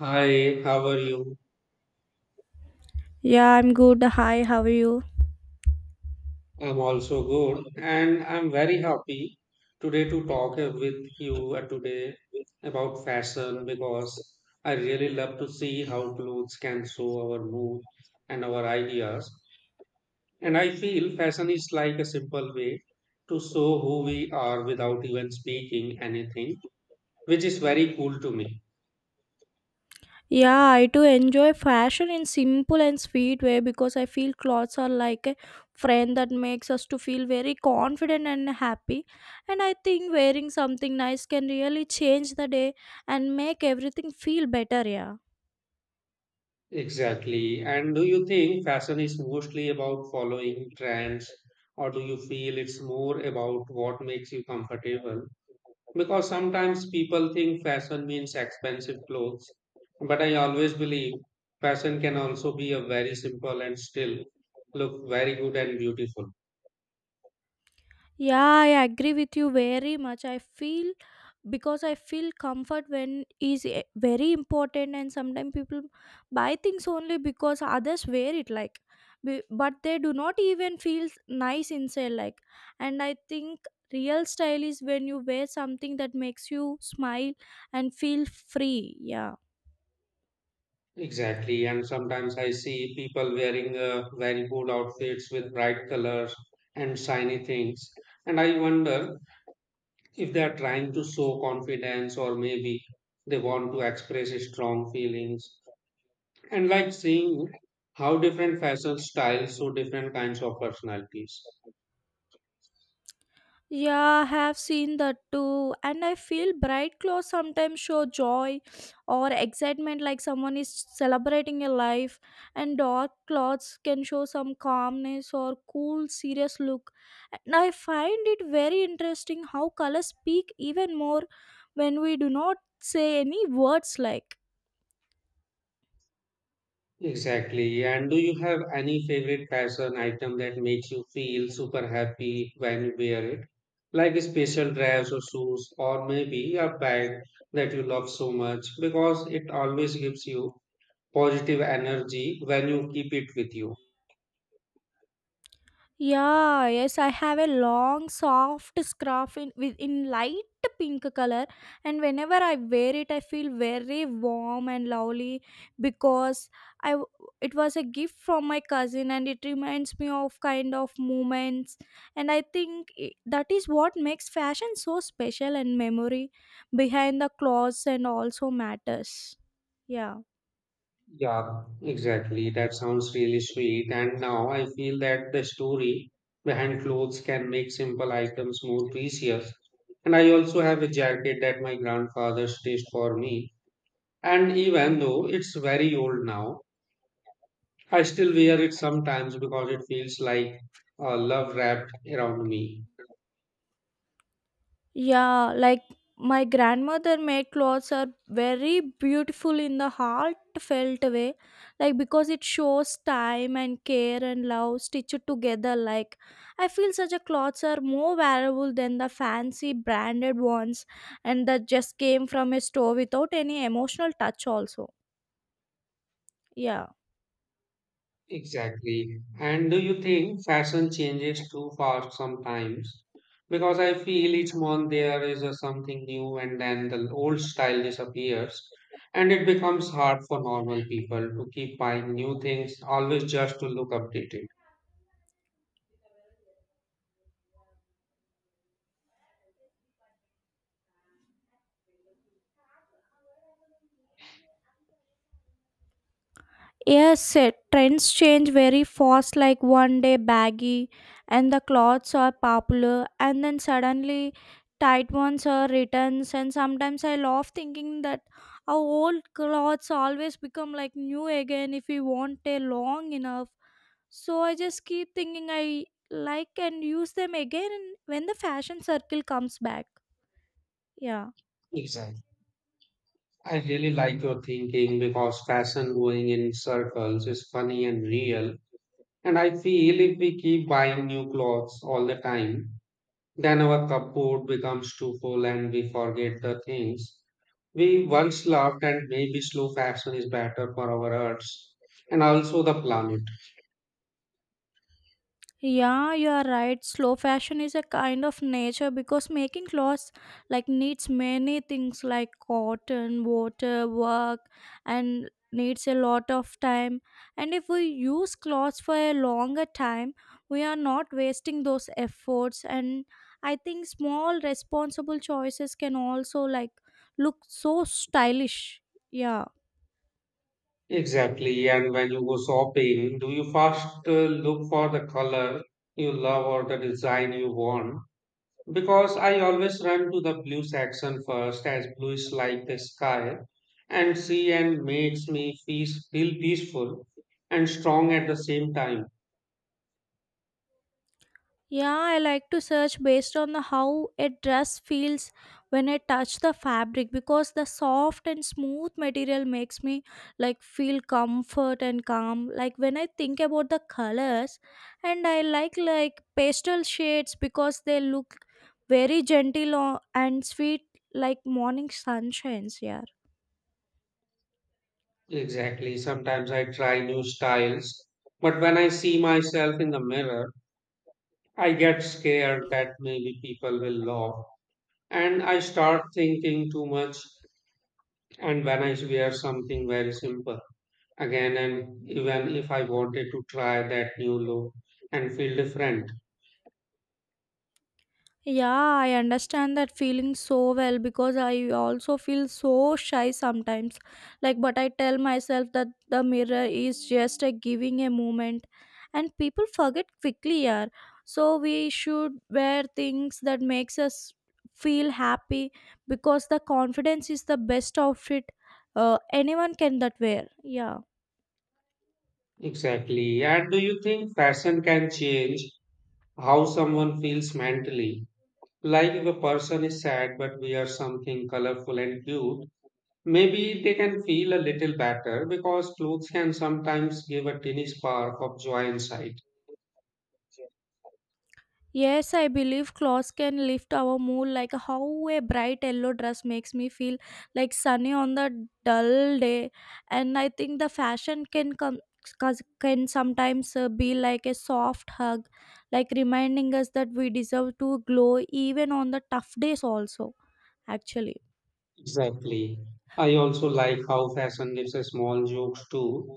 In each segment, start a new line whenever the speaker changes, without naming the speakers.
Hi, how are you?
Yeah, I'm good. Hi, how are you?
I'm also good, and I'm very happy today to talk with you today about fashion because I really love to see how clothes can show our mood and our ideas. And I feel fashion is like a simple way to show who we are without even speaking anything, which is very cool to me.
Yeah, I do enjoy fashion in simple and sweet way because I feel clothes are like a friend that makes us to feel very confident and happy. And I think wearing something nice can really change the day and make everything feel better, yeah.
Exactly. And do you think fashion is mostly about following trends, or do you feel it's more about what makes you comfortable? Because sometimes people think fashion means expensive clothes, but I always believe fashion can also be a very simple and still look very good and beautiful.
Yeah, I agree with you very much. I feel because I feel comfort when is very important, and sometimes people buy things only because others wear it, like, but they do not even feel nice inside, like. And I think real style is when you wear something that makes you smile and feel free. Yeah.
Exactly. And sometimes I see people wearing very good outfits with bright colors and shiny things. And I wonder if they are trying to show confidence or maybe they want to express strong feelings and like seeing how different fashion styles show different kinds of personalities.
Yeah, I have seen that too. And I feel bright clothes sometimes show joy or excitement like someone is celebrating a life, and dark clothes can show some calmness or cool, serious look. And I find it very interesting how colors speak even more when we do not say any words like.
Exactly. And do you have any favorite fashion item that makes you feel super happy when you wear it, like a special dress or shoes or maybe a bag that you love so much because it always gives you positive energy when you keep it with you?
Yeah, yes, I have a long, soft scarf in with in light pink color, and whenever I wear it, I feel very warm and lovely because I w- it was a gift from my cousin, and it reminds me of kind of moments, and I think that is what makes fashion so special and memory behind the clothes and also matters. Yeah.
Yeah, exactly. That sounds really sweet. And now I feel that the story behind clothes can make simple items more precious. And I also have a jacket that my grandfather stitched for me. And even though it's very old now, I still wear it sometimes because it feels like love wrapped around me.
Yeah, like my grandmother made clothes are very beautiful in the heartfelt way, like because it shows time and care and love stitched together. Like, I feel such a clothes are more valuable than the fancy branded ones and that just came from a store without any emotional touch, also. Yeah.
Exactly. And do you think fashion changes too fast sometimes? Because I feel each month there is a something new and then the old style disappears, and it becomes hard for normal people to keep buying new things, always just to look updated.
Yes, trends change very fast, like one day baggy and the clothes are popular, and then suddenly tight ones are returns. And sometimes I love thinking that our old clothes always become like new again if we want a long enough. So I just keep thinking I like and use them again when the fashion circle comes back. Yeah.
Exactly. I really like your thinking because fashion going in circles is funny and real. And I feel if we keep buying new clothes all the time, then our cupboard becomes too full and we forget the things we once loved. And maybe slow fashion is better for our hearts and also the planet.
Yeah, you are right. Slow fashion is a kind of nature because making clothes like needs many things like cotton, water, work, and needs a lot of time. And if we use clothes for a longer time, we are not wasting those efforts. And I think small responsible choices can also like look so stylish. Yeah.
Exactly. And when you go shopping, do you first look for the color you love or the design you want? Because I always run to the blue section first, as blue is like the sky and sea and makes me feel peaceful and strong at the same time.
Yeah, I like to search based on the how a dress feels when I touch the fabric because the soft and smooth material makes me like feel comfort and calm. Like when I think about the colors and I like pastel shades because they look very gentle and sweet like morning sunshines, yeah.
Exactly. Sometimes I try new styles, but when I see myself in the mirror, I get scared that maybe people will laugh and I start thinking too much. And when I wear something very simple again, and even if I wanted to try that new look and feel different.
Yeah, I understand that feeling so well because I also feel so shy sometimes. Like, but I tell myself that the mirror is just a giving a moment, and people forget quickly. Yeah, so we should wear things that makes us feel happy because the confidence is the best outfit anyone can that wear. Yeah.
Exactly. And do you think fashion can change how someone feels mentally? Like if a person is sad but wears something colorful and cute, maybe they can feel a little better because clothes can sometimes give a tiny spark of joy inside.
Yes, I believe clothes can lift our mood like how a bright yellow dress makes me feel like sunny on the dull day. And I think the fashion can sometimes be like a soft hug like reminding us that we deserve to glow even on the tough days also, actually.
Exactly. I also like how fashion gives a small jokes too.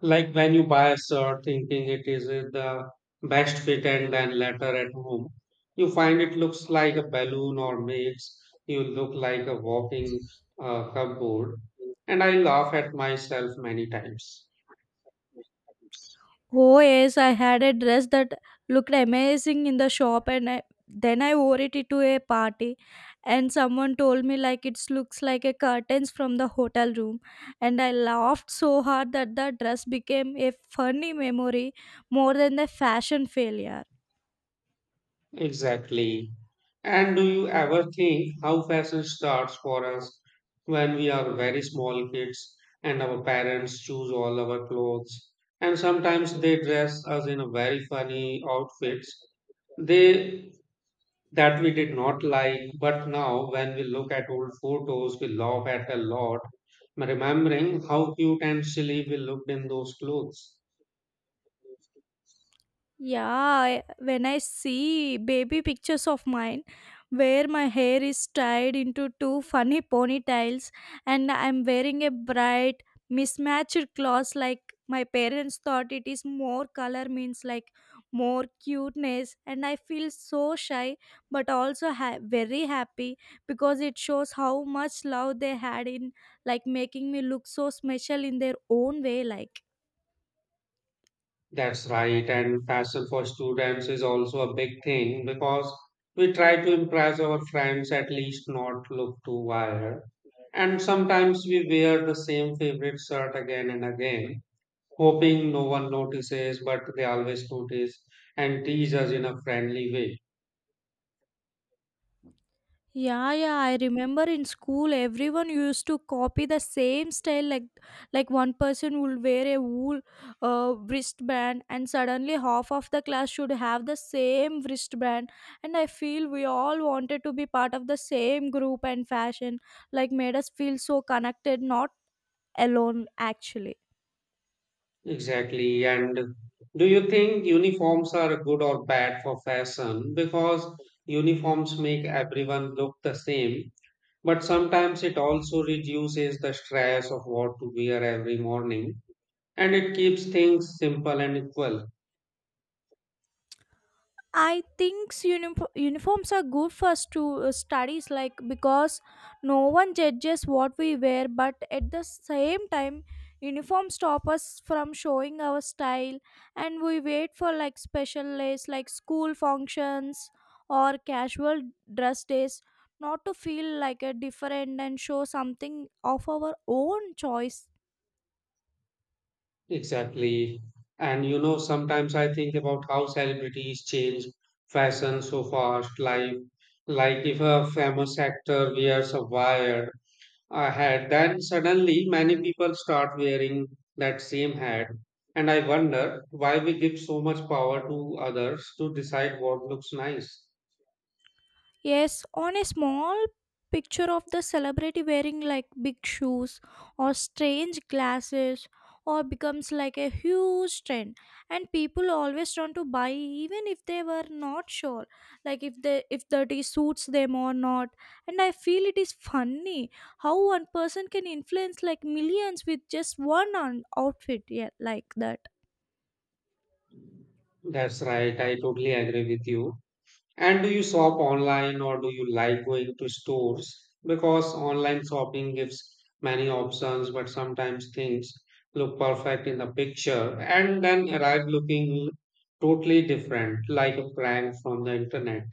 Like when you buy a shirt thinking it is the best fit and then later at home, you find it looks like a balloon or makes you look like a walking cupboard. And I laugh at myself many times.
Oh yes, I had a dress that looked amazing in the shop, and then I wore it to a party and someone told me like it looks like a curtains from the hotel room, and I laughed so hard that the dress became a funny memory more than the fashion failure.
Exactly. And do you ever think how fashion starts for us when we are very small kids and our parents choose all our clothes? And sometimes they dress us in a very funny outfits they that we did not like, but now when we look at old photos, we laugh at a lot, remembering how cute and silly we looked in those clothes.
Yeah, when I see baby pictures of mine where my hair is tied into two funny ponytails and I'm wearing a bright mismatched clothes, like my parents thought it is more color means like more cuteness, and I feel so shy but also very happy, because it shows how much love they had in like making me look so special in their own way like.
That's right. And fashion for students is also a big thing because we try to impress our friends, at least not look too wired. And sometimes we wear the same favorite shirt again and again, hoping no one notices, but they always notice and tease us in a friendly way.
Yeah, yeah, I remember in school everyone used to copy the same style, like one person would wear a wool wristband and suddenly half of the class should have the same wristband, and I feel we all wanted to be part of the same group and fashion like made us feel so connected, not alone, actually.
Exactly. And do you think uniforms are good or bad for fashion? Because uniforms make everyone look the same, but sometimes it also reduces the stress of what to wear every morning and it keeps things simple and equal.
I think uniforms are good for studies, like because no one judges what we wear, but at the same time, uniforms stop us from showing our style, and we wait for like special days, like school functions or casual dress days, not to feel like a different and show something of our own choice.
Exactly. And you know, sometimes I think about how celebrities change fashion so fast. Like if a famous actor wears a wire a hat, then suddenly many people start wearing that same hat. And I wonder why we give so much power to others to decide what looks nice.
Yes, on a small picture of the celebrity wearing like big shoes or strange glasses or becomes like a huge trend, and people always want to buy even if they were not sure like if they if that is suits them or not, and I feel it is funny how one person can influence like millions with just one on outfit, yeah, like that.
That's right. I totally agree with you. And do you shop online or do you like going to stores? Because online shopping gives many options, but sometimes things look perfect in the picture and then arrive looking totally different, like a prank from the internet.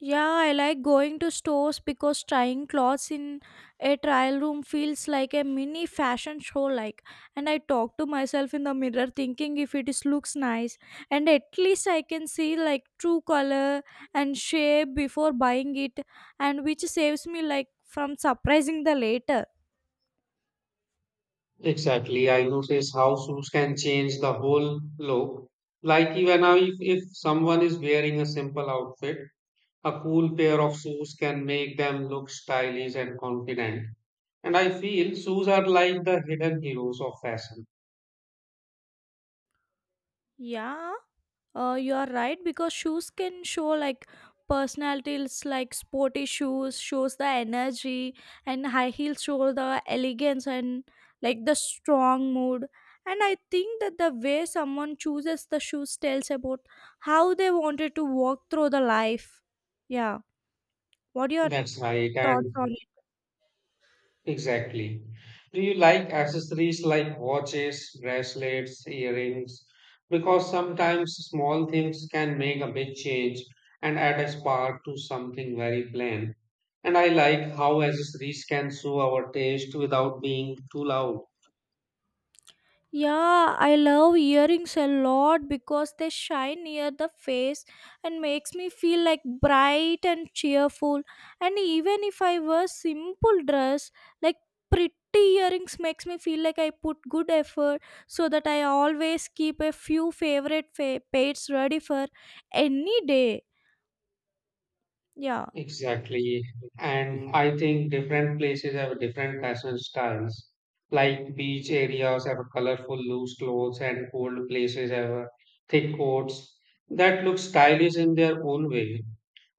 Yeah, I like going to stores because trying clothes in a trial room feels like a mini fashion show, like, and I talk to myself in the mirror thinking if it is looks nice, and at least I can see like true color and shape before buying it, and which saves me like from surprising the later.
Exactly. I notice how shoes can change the whole look. Like even now, if someone is wearing a simple outfit, a cool pair of shoes can make them look stylish and confident. And I feel shoes are like the hidden heroes of fashion.
Yeah. You are right, because shoes can show like personalities, like sporty shoes shows the energy and high heels show the elegance and like the strong mood, and I think that the way someone chooses the shoes tells about how they wanted to walk through the life, yeah. What are your
That's right,
thoughts
and
on?
exactly. Do you like accessories like watches, bracelets, earrings? Because sometimes small things can make a big change and add a spark to something very plain. And I like how accessories can show our taste without being too loud.
Yeah, I love earrings a lot because they shine near the face and makes me feel like bright and cheerful. And even if I wear simple dress, like pretty earrings makes me feel like I put good effort, so that I always keep a few favorite pairs ready for any day. Yeah.
Exactly. And I think different places have different fashion styles. Like beach areas have colorful loose clothes and cold places have thick coats that look stylish in their own way.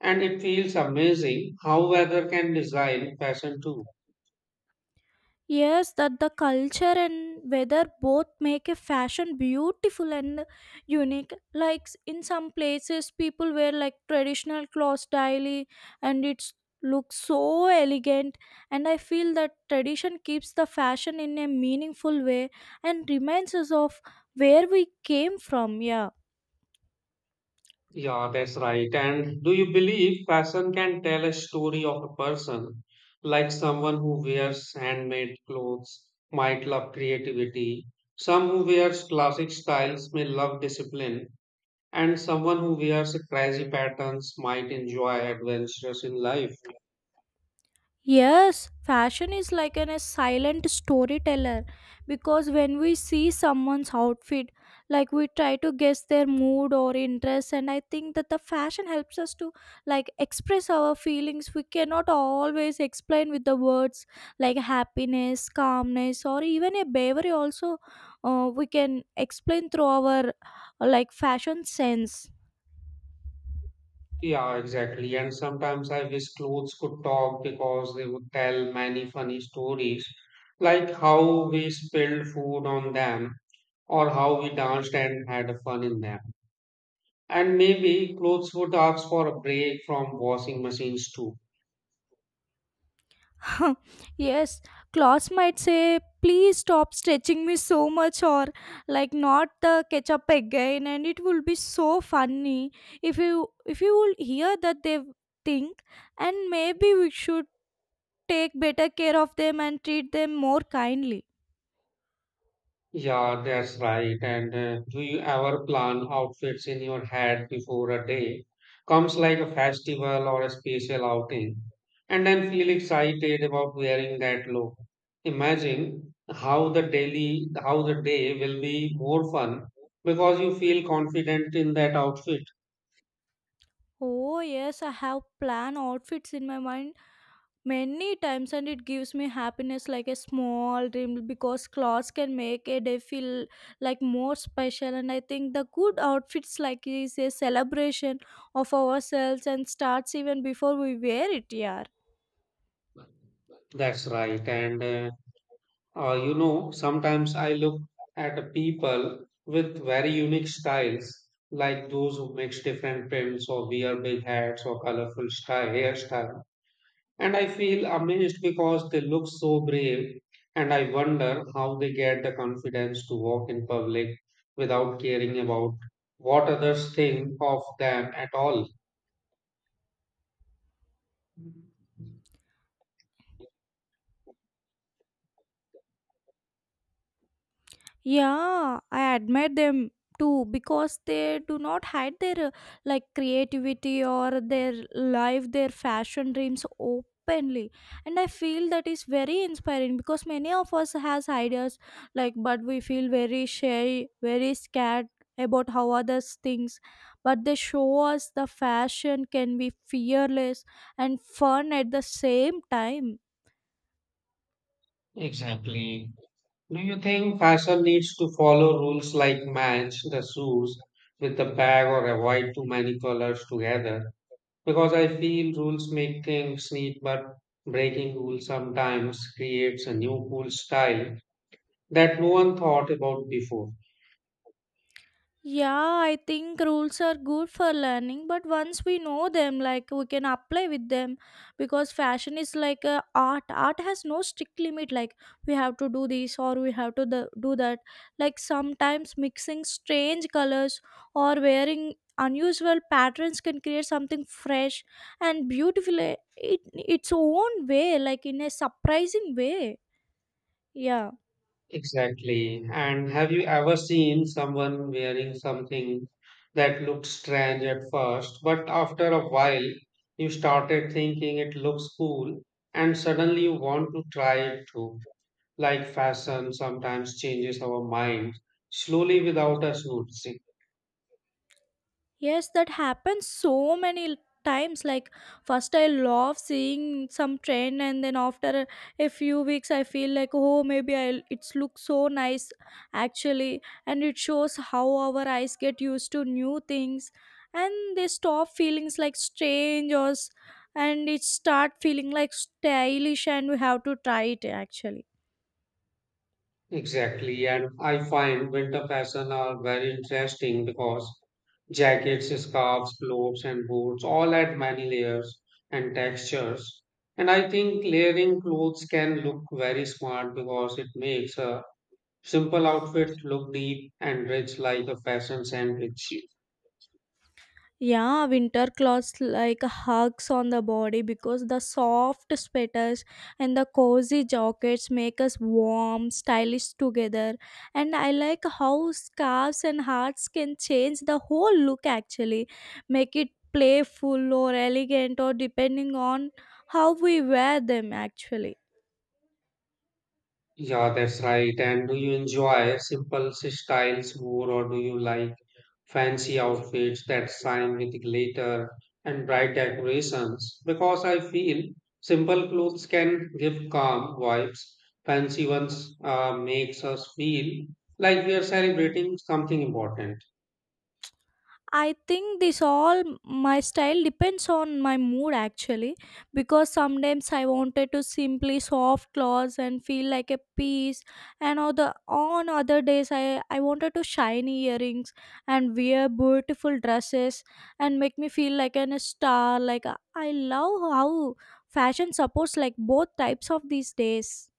And it feels amazing how weather can design fashion too.
Yes, that the culture and weather both make a fashion beautiful and unique. Like in some places, people wear like traditional clothes daily, and it looks so elegant. And I feel that tradition keeps the fashion in a meaningful way and reminds us of where we came from. Yeah.
Yeah, that's right. And do you believe fashion can tell a story of a person? Like someone who wears handmade clothes might love creativity. Some who wears classic styles may love discipline. And someone who wears crazy patterns might enjoy adventures in life.
Yes, fashion is like a silent storyteller, because when we see someone's outfit, like we try to guess their mood or interest, and I think that the fashion helps us to like express our feelings. We cannot always explain with the words like happiness, calmness, or even a bravery. Also, we can explain through our like fashion sense.
Yeah, exactly. And sometimes I wish clothes could talk because they would tell many funny stories, like how we spilled food on them or how we danced and had fun in them. And maybe clothes would ask for a break from washing machines too.
Yes, Klaus might say, please stop stretching me so much, or like not the ketchup again, and it will be so funny if you if you will hear that they think, and maybe we should take better care of them and treat them more kindly.
Yeah, that's right. And do you ever plan outfits in your head before a day comes like a festival or a special outing and then feel excited about wearing that look? Imagine how the daily how the day will be more fun because you feel confident in that outfit.
Oh yes, I have plan outfits in my mind many times, and it gives me happiness like a small dream because clothes can make a day feel like more special, and I think the good outfits like is a celebration of ourselves and starts even before we wear it, yeah.
That's right. And you know, sometimes I look at people with very unique styles, like those who mix different prints or wear big hats or colorful style, hairstyle. And I feel amazed because they look so brave, and I wonder how they get the confidence to walk in public without caring about what others think of them at all.
Yeah, I admire them too, because they do not hide their like creativity or their life, their fashion dreams openly. And I feel that is very inspiring because many of us has ideas like, but we feel very shy, very scared about how others thinks, but they show us the fashion can be fearless and fun at the same time.
Exactly. Do you think fashion needs to follow rules like match the shoes with the bag or avoid too many colors together? Because I feel rules make things neat, but breaking rules sometimes creates a new cool style that no one thought about before.
Yeah, I think rules are good for learning, but once we know them, like we can apply with them because fashion is like a art. Art has no strict limit, like we have to do this or we have to do that. Like sometimes mixing strange colors or wearing unusual patterns can create something fresh and beautiful it its own way, like in a surprising way. Yeah.
Exactly. And have you ever seen someone wearing something that looked strange at first, but after a while you started thinking it looks cool and suddenly you want to try it too? Like fashion sometimes changes our minds slowly without us noticing.
Yes, that happens so many times. Like, first I love seeing some trend, and then after a few weeks, I feel like, oh, maybe it's looks so nice, actually. And it shows how our eyes get used to new things and they stop feelings like strange or and it start feeling like stylish and we have to try it, actually.
Exactly, and I find winter fashion are very interesting because jackets, scarves, clothes, and boots all add many layers and textures. And I think layering clothes can look very smart because it makes a simple outfit look deep and rich like a fashion sandwich.
Yeah, winter clothes like hugs on the body because the soft sweaters and the cozy jackets make us warm, stylish together. And I like how scarves and hats can change the whole look actually, make it playful or elegant or depending on how we wear them actually.
Yeah, that's right. And do you enjoy simple styles more, or do you like fancy outfits that shine with glitter and bright decorations? Because I feel simple clothes can give calm vibes. Fancy ones makes us feel like we are celebrating something important.
I think this all my style depends on my mood actually, because sometimes I wanted to simply soft clothes and feel like a piece, and other on other days I wanted to shiny earrings and wear beautiful dresses and make me feel like a star. Like I love how fashion supports like both types of these days.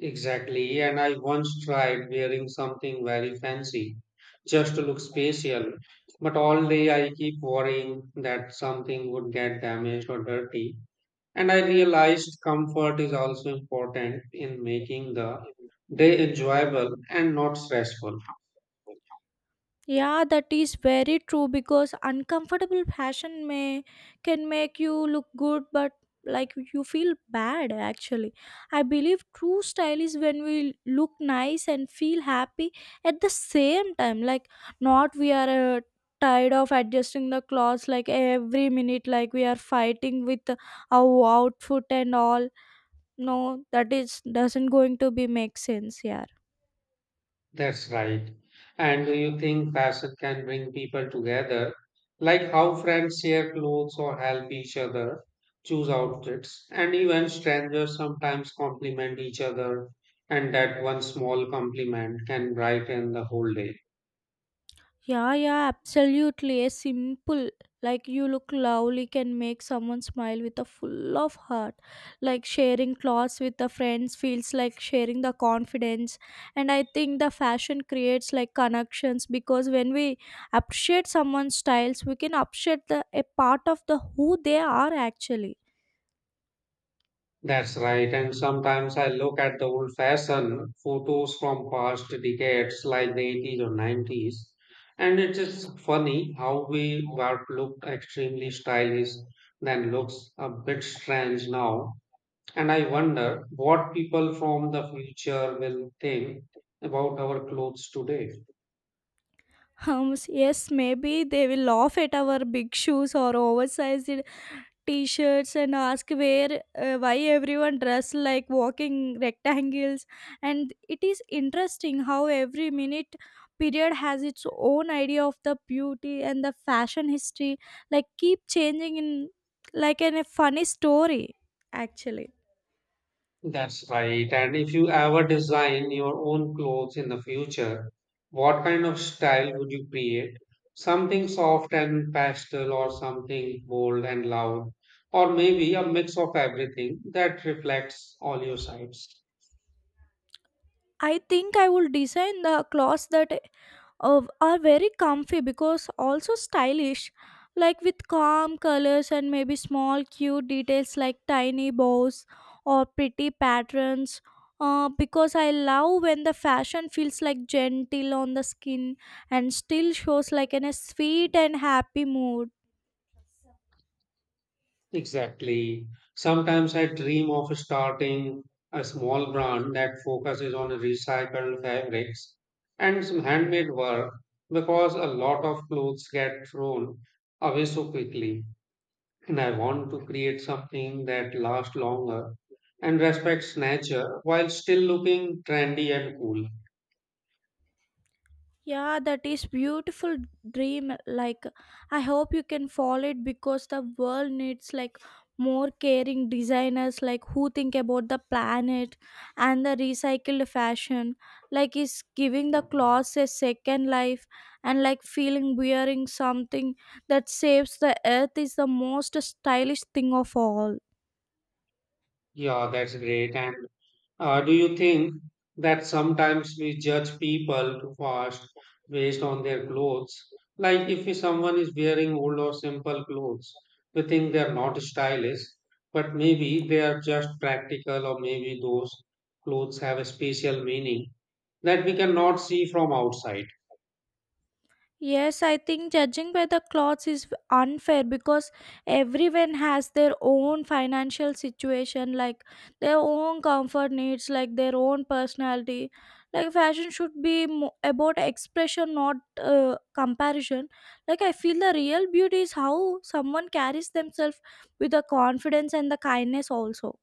Exactly, and I once tried wearing something very fancy just to look spatial, but all day I keep worrying that something would get damaged or dirty. And I realized comfort is also important in making the day enjoyable and not stressful.
Yeah, that is very true, because uncomfortable fashion may can make you look good, but like you feel bad actually. I believe true style is when we look nice and feel happy at the same time, like not we are tired of adjusting the clothes like every minute, like we are fighting with our outfit and all. No, that is doesn't going to be make sense, yeah.
That's right. And do you think fashion can bring people together, like how friends share clothes or help each other choose outfits, and even strangers sometimes compliment each other, and that one small compliment can brighten the whole day.
Yeah, yeah, absolutely. A simple, like you look lovely, can make someone smile with a full of heart. Like sharing clothes with the friends feels like sharing the confidence. And I think the fashion creates like connections, because when we appreciate someone's styles, we can appreciate the a part of the who they are actually.
That's right. And sometimes I look at the old fashioned photos from past decades, like the 80s or 90s, and it is funny how we were looked extremely stylish then looks a bit strange now. And I wonder what people from the future will think about our clothes today.
Yes, maybe they will laugh at our big shoes or oversized t-shirts and ask where why everyone dress like walking rectangles. And it is interesting how every minute period has its own idea of the beauty, and the fashion history like keep changing in, like in a funny story actually.
That's right. And if you ever design your own clothes in the future, what kind of style would you create? Something soft and pastel, or something bold and loud, or maybe a mix of everything that reflects all your sides.
I think I will design the clothes that are very comfy because also stylish, like with calm colors and maybe small cute details like tiny bows or pretty patterns, because I love when the fashion feels like gentle on the skin and still shows like in a sweet and happy mood.
Exactly. Sometimes I dream of starting a small brand that focuses on recycled fabrics and some handmade work because a lot of clothes get thrown away so quickly. And I want to create something that lasts longer and respects nature while still looking trendy and cool.
Yeah, that is beautiful dream. Like, I hope you can follow it, because the world needs like more caring designers, like who think about the planet and the recycled fashion. Like, is giving the clothes a second life, and like feeling wearing something that saves the earth is the most stylish thing of all.
Yeah, that's great. And do you think that sometimes we judge people too fast based on their clothes? Like if someone is wearing old or simple clothes, we think they're not stylish, but maybe they are just practical, or maybe those clothes have a special meaning that we cannot see from outside.
Yes, I think judging by the clothes is unfair, because everyone has their own financial situation, like their own comfort needs, like their own personality. Like fashion should be about expression, not comparison. Like I feel the real beauty is how someone carries themselves with the confidence and the kindness also.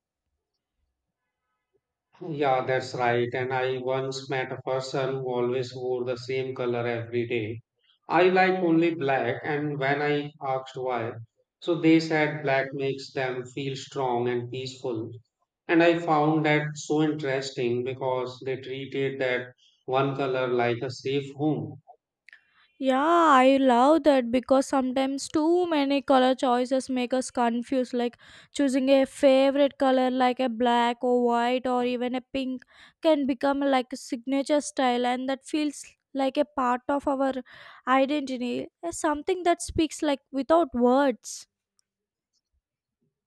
Yeah, that's right. And I once met a person who always wore the same color every day. I like only black, and when I asked why, so they said black makes them feel strong and peaceful. And I found that so interesting because they treated that one color like a safe home.
Yeah, I love that because sometimes too many color choices make us confused. Like choosing a favorite color like a black or white or even a pink can become like a signature style, and that feels like a part of our identity, something that speaks like without words.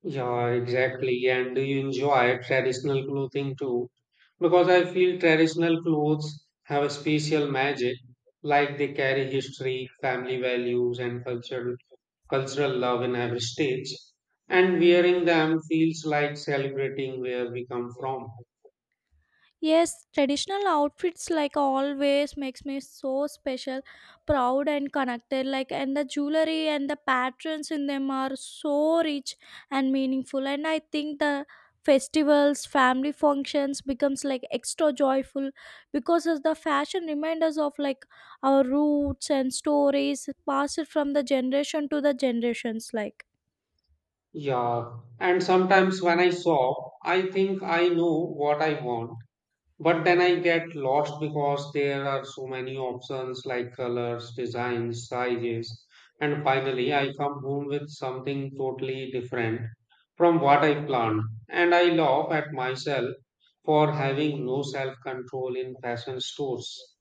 Yeah, exactly. And do you enjoy traditional clothing too? Because I feel traditional clothes have a special magic, like they carry history, family values, and cultural love in every stage. And wearing them feels like celebrating where we come from.
Yes, traditional outfits like always makes me so special, proud and connected. Like and the jewelry and the patterns in them are so rich and meaningful. And I think the festivals, family functions becomes like extra joyful, because as the fashion reminders of like our roots and stories passed from the generation to the generations like.
Yeah. And sometimes when I shop, I think I know what I want. But then I get lost because there are so many options like colors, designs, sizes, and finally I come home with something totally different from what I planned. And I laugh at myself for having no self control in fashion stores.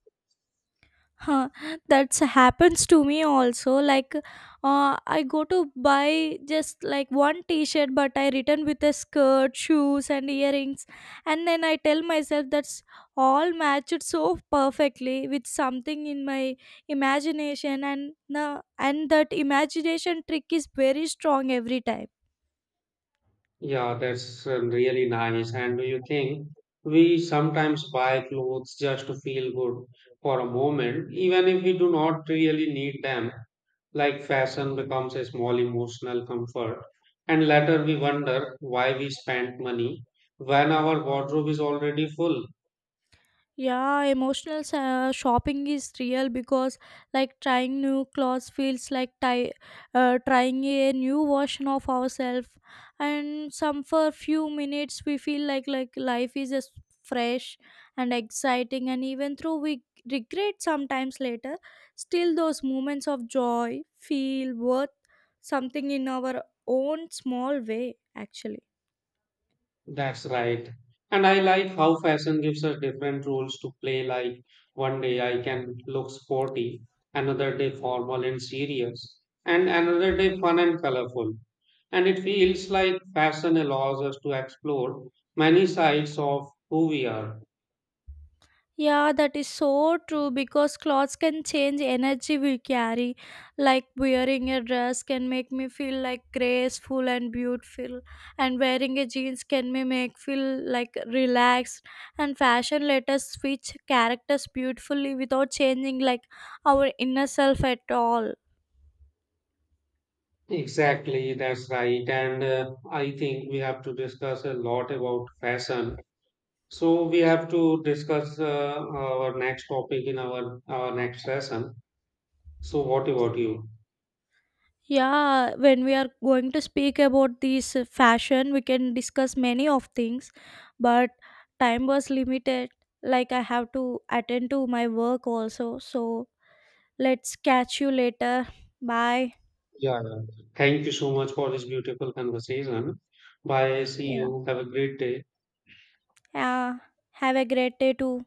Huh, that's happens to me also. Like, I go to buy just like one T-shirt, but I return with a skirt, shoes, and earrings, and then I tell myself that's all matched so perfectly with something in my imagination, and the and that imagination trick is very strong every time.
Yeah, that's really nice. And do you think we sometimes buy clothes just to feel good for a moment, even if we do not really need them? Like fashion becomes a small emotional comfort, and later we wonder why we spent money when our wardrobe is already full.
Yeah, emotional shopping is real, because like trying new clothes feels like trying a new version of ourselves, and some for few minutes we feel like life is as fresh and exciting. And even though we regret sometimes later, still those moments of joy feel worth something in our own small way actually.
That's right. And I like how fashion gives us different roles to play. Like one day I can look sporty, another day formal and serious, and another day fun and colorful. And it feels like fashion allows us to explore many sides of who we are.
Yeah, that is so true because clothes can change energy we carry. Like wearing a dress can make me feel like graceful and beautiful, and wearing a jeans can me make feel like relaxed. And fashion let us switch characters beautifully without changing like our inner self at all.
Exactly, that's right. And I think we have to discuss a lot about fashion. So we have to discuss our next topic in our next session. So, what about you?
Yeah, when we are going to speak about this fashion, we can discuss many of things, but time was limited. Like I have to attend to my work also. So let's catch you later. Bye.
Yeah, yeah. Thank you so much for this beautiful conversation. Bye. See
Yeah.
you. Have a great day.
Yeah. Have a great day too.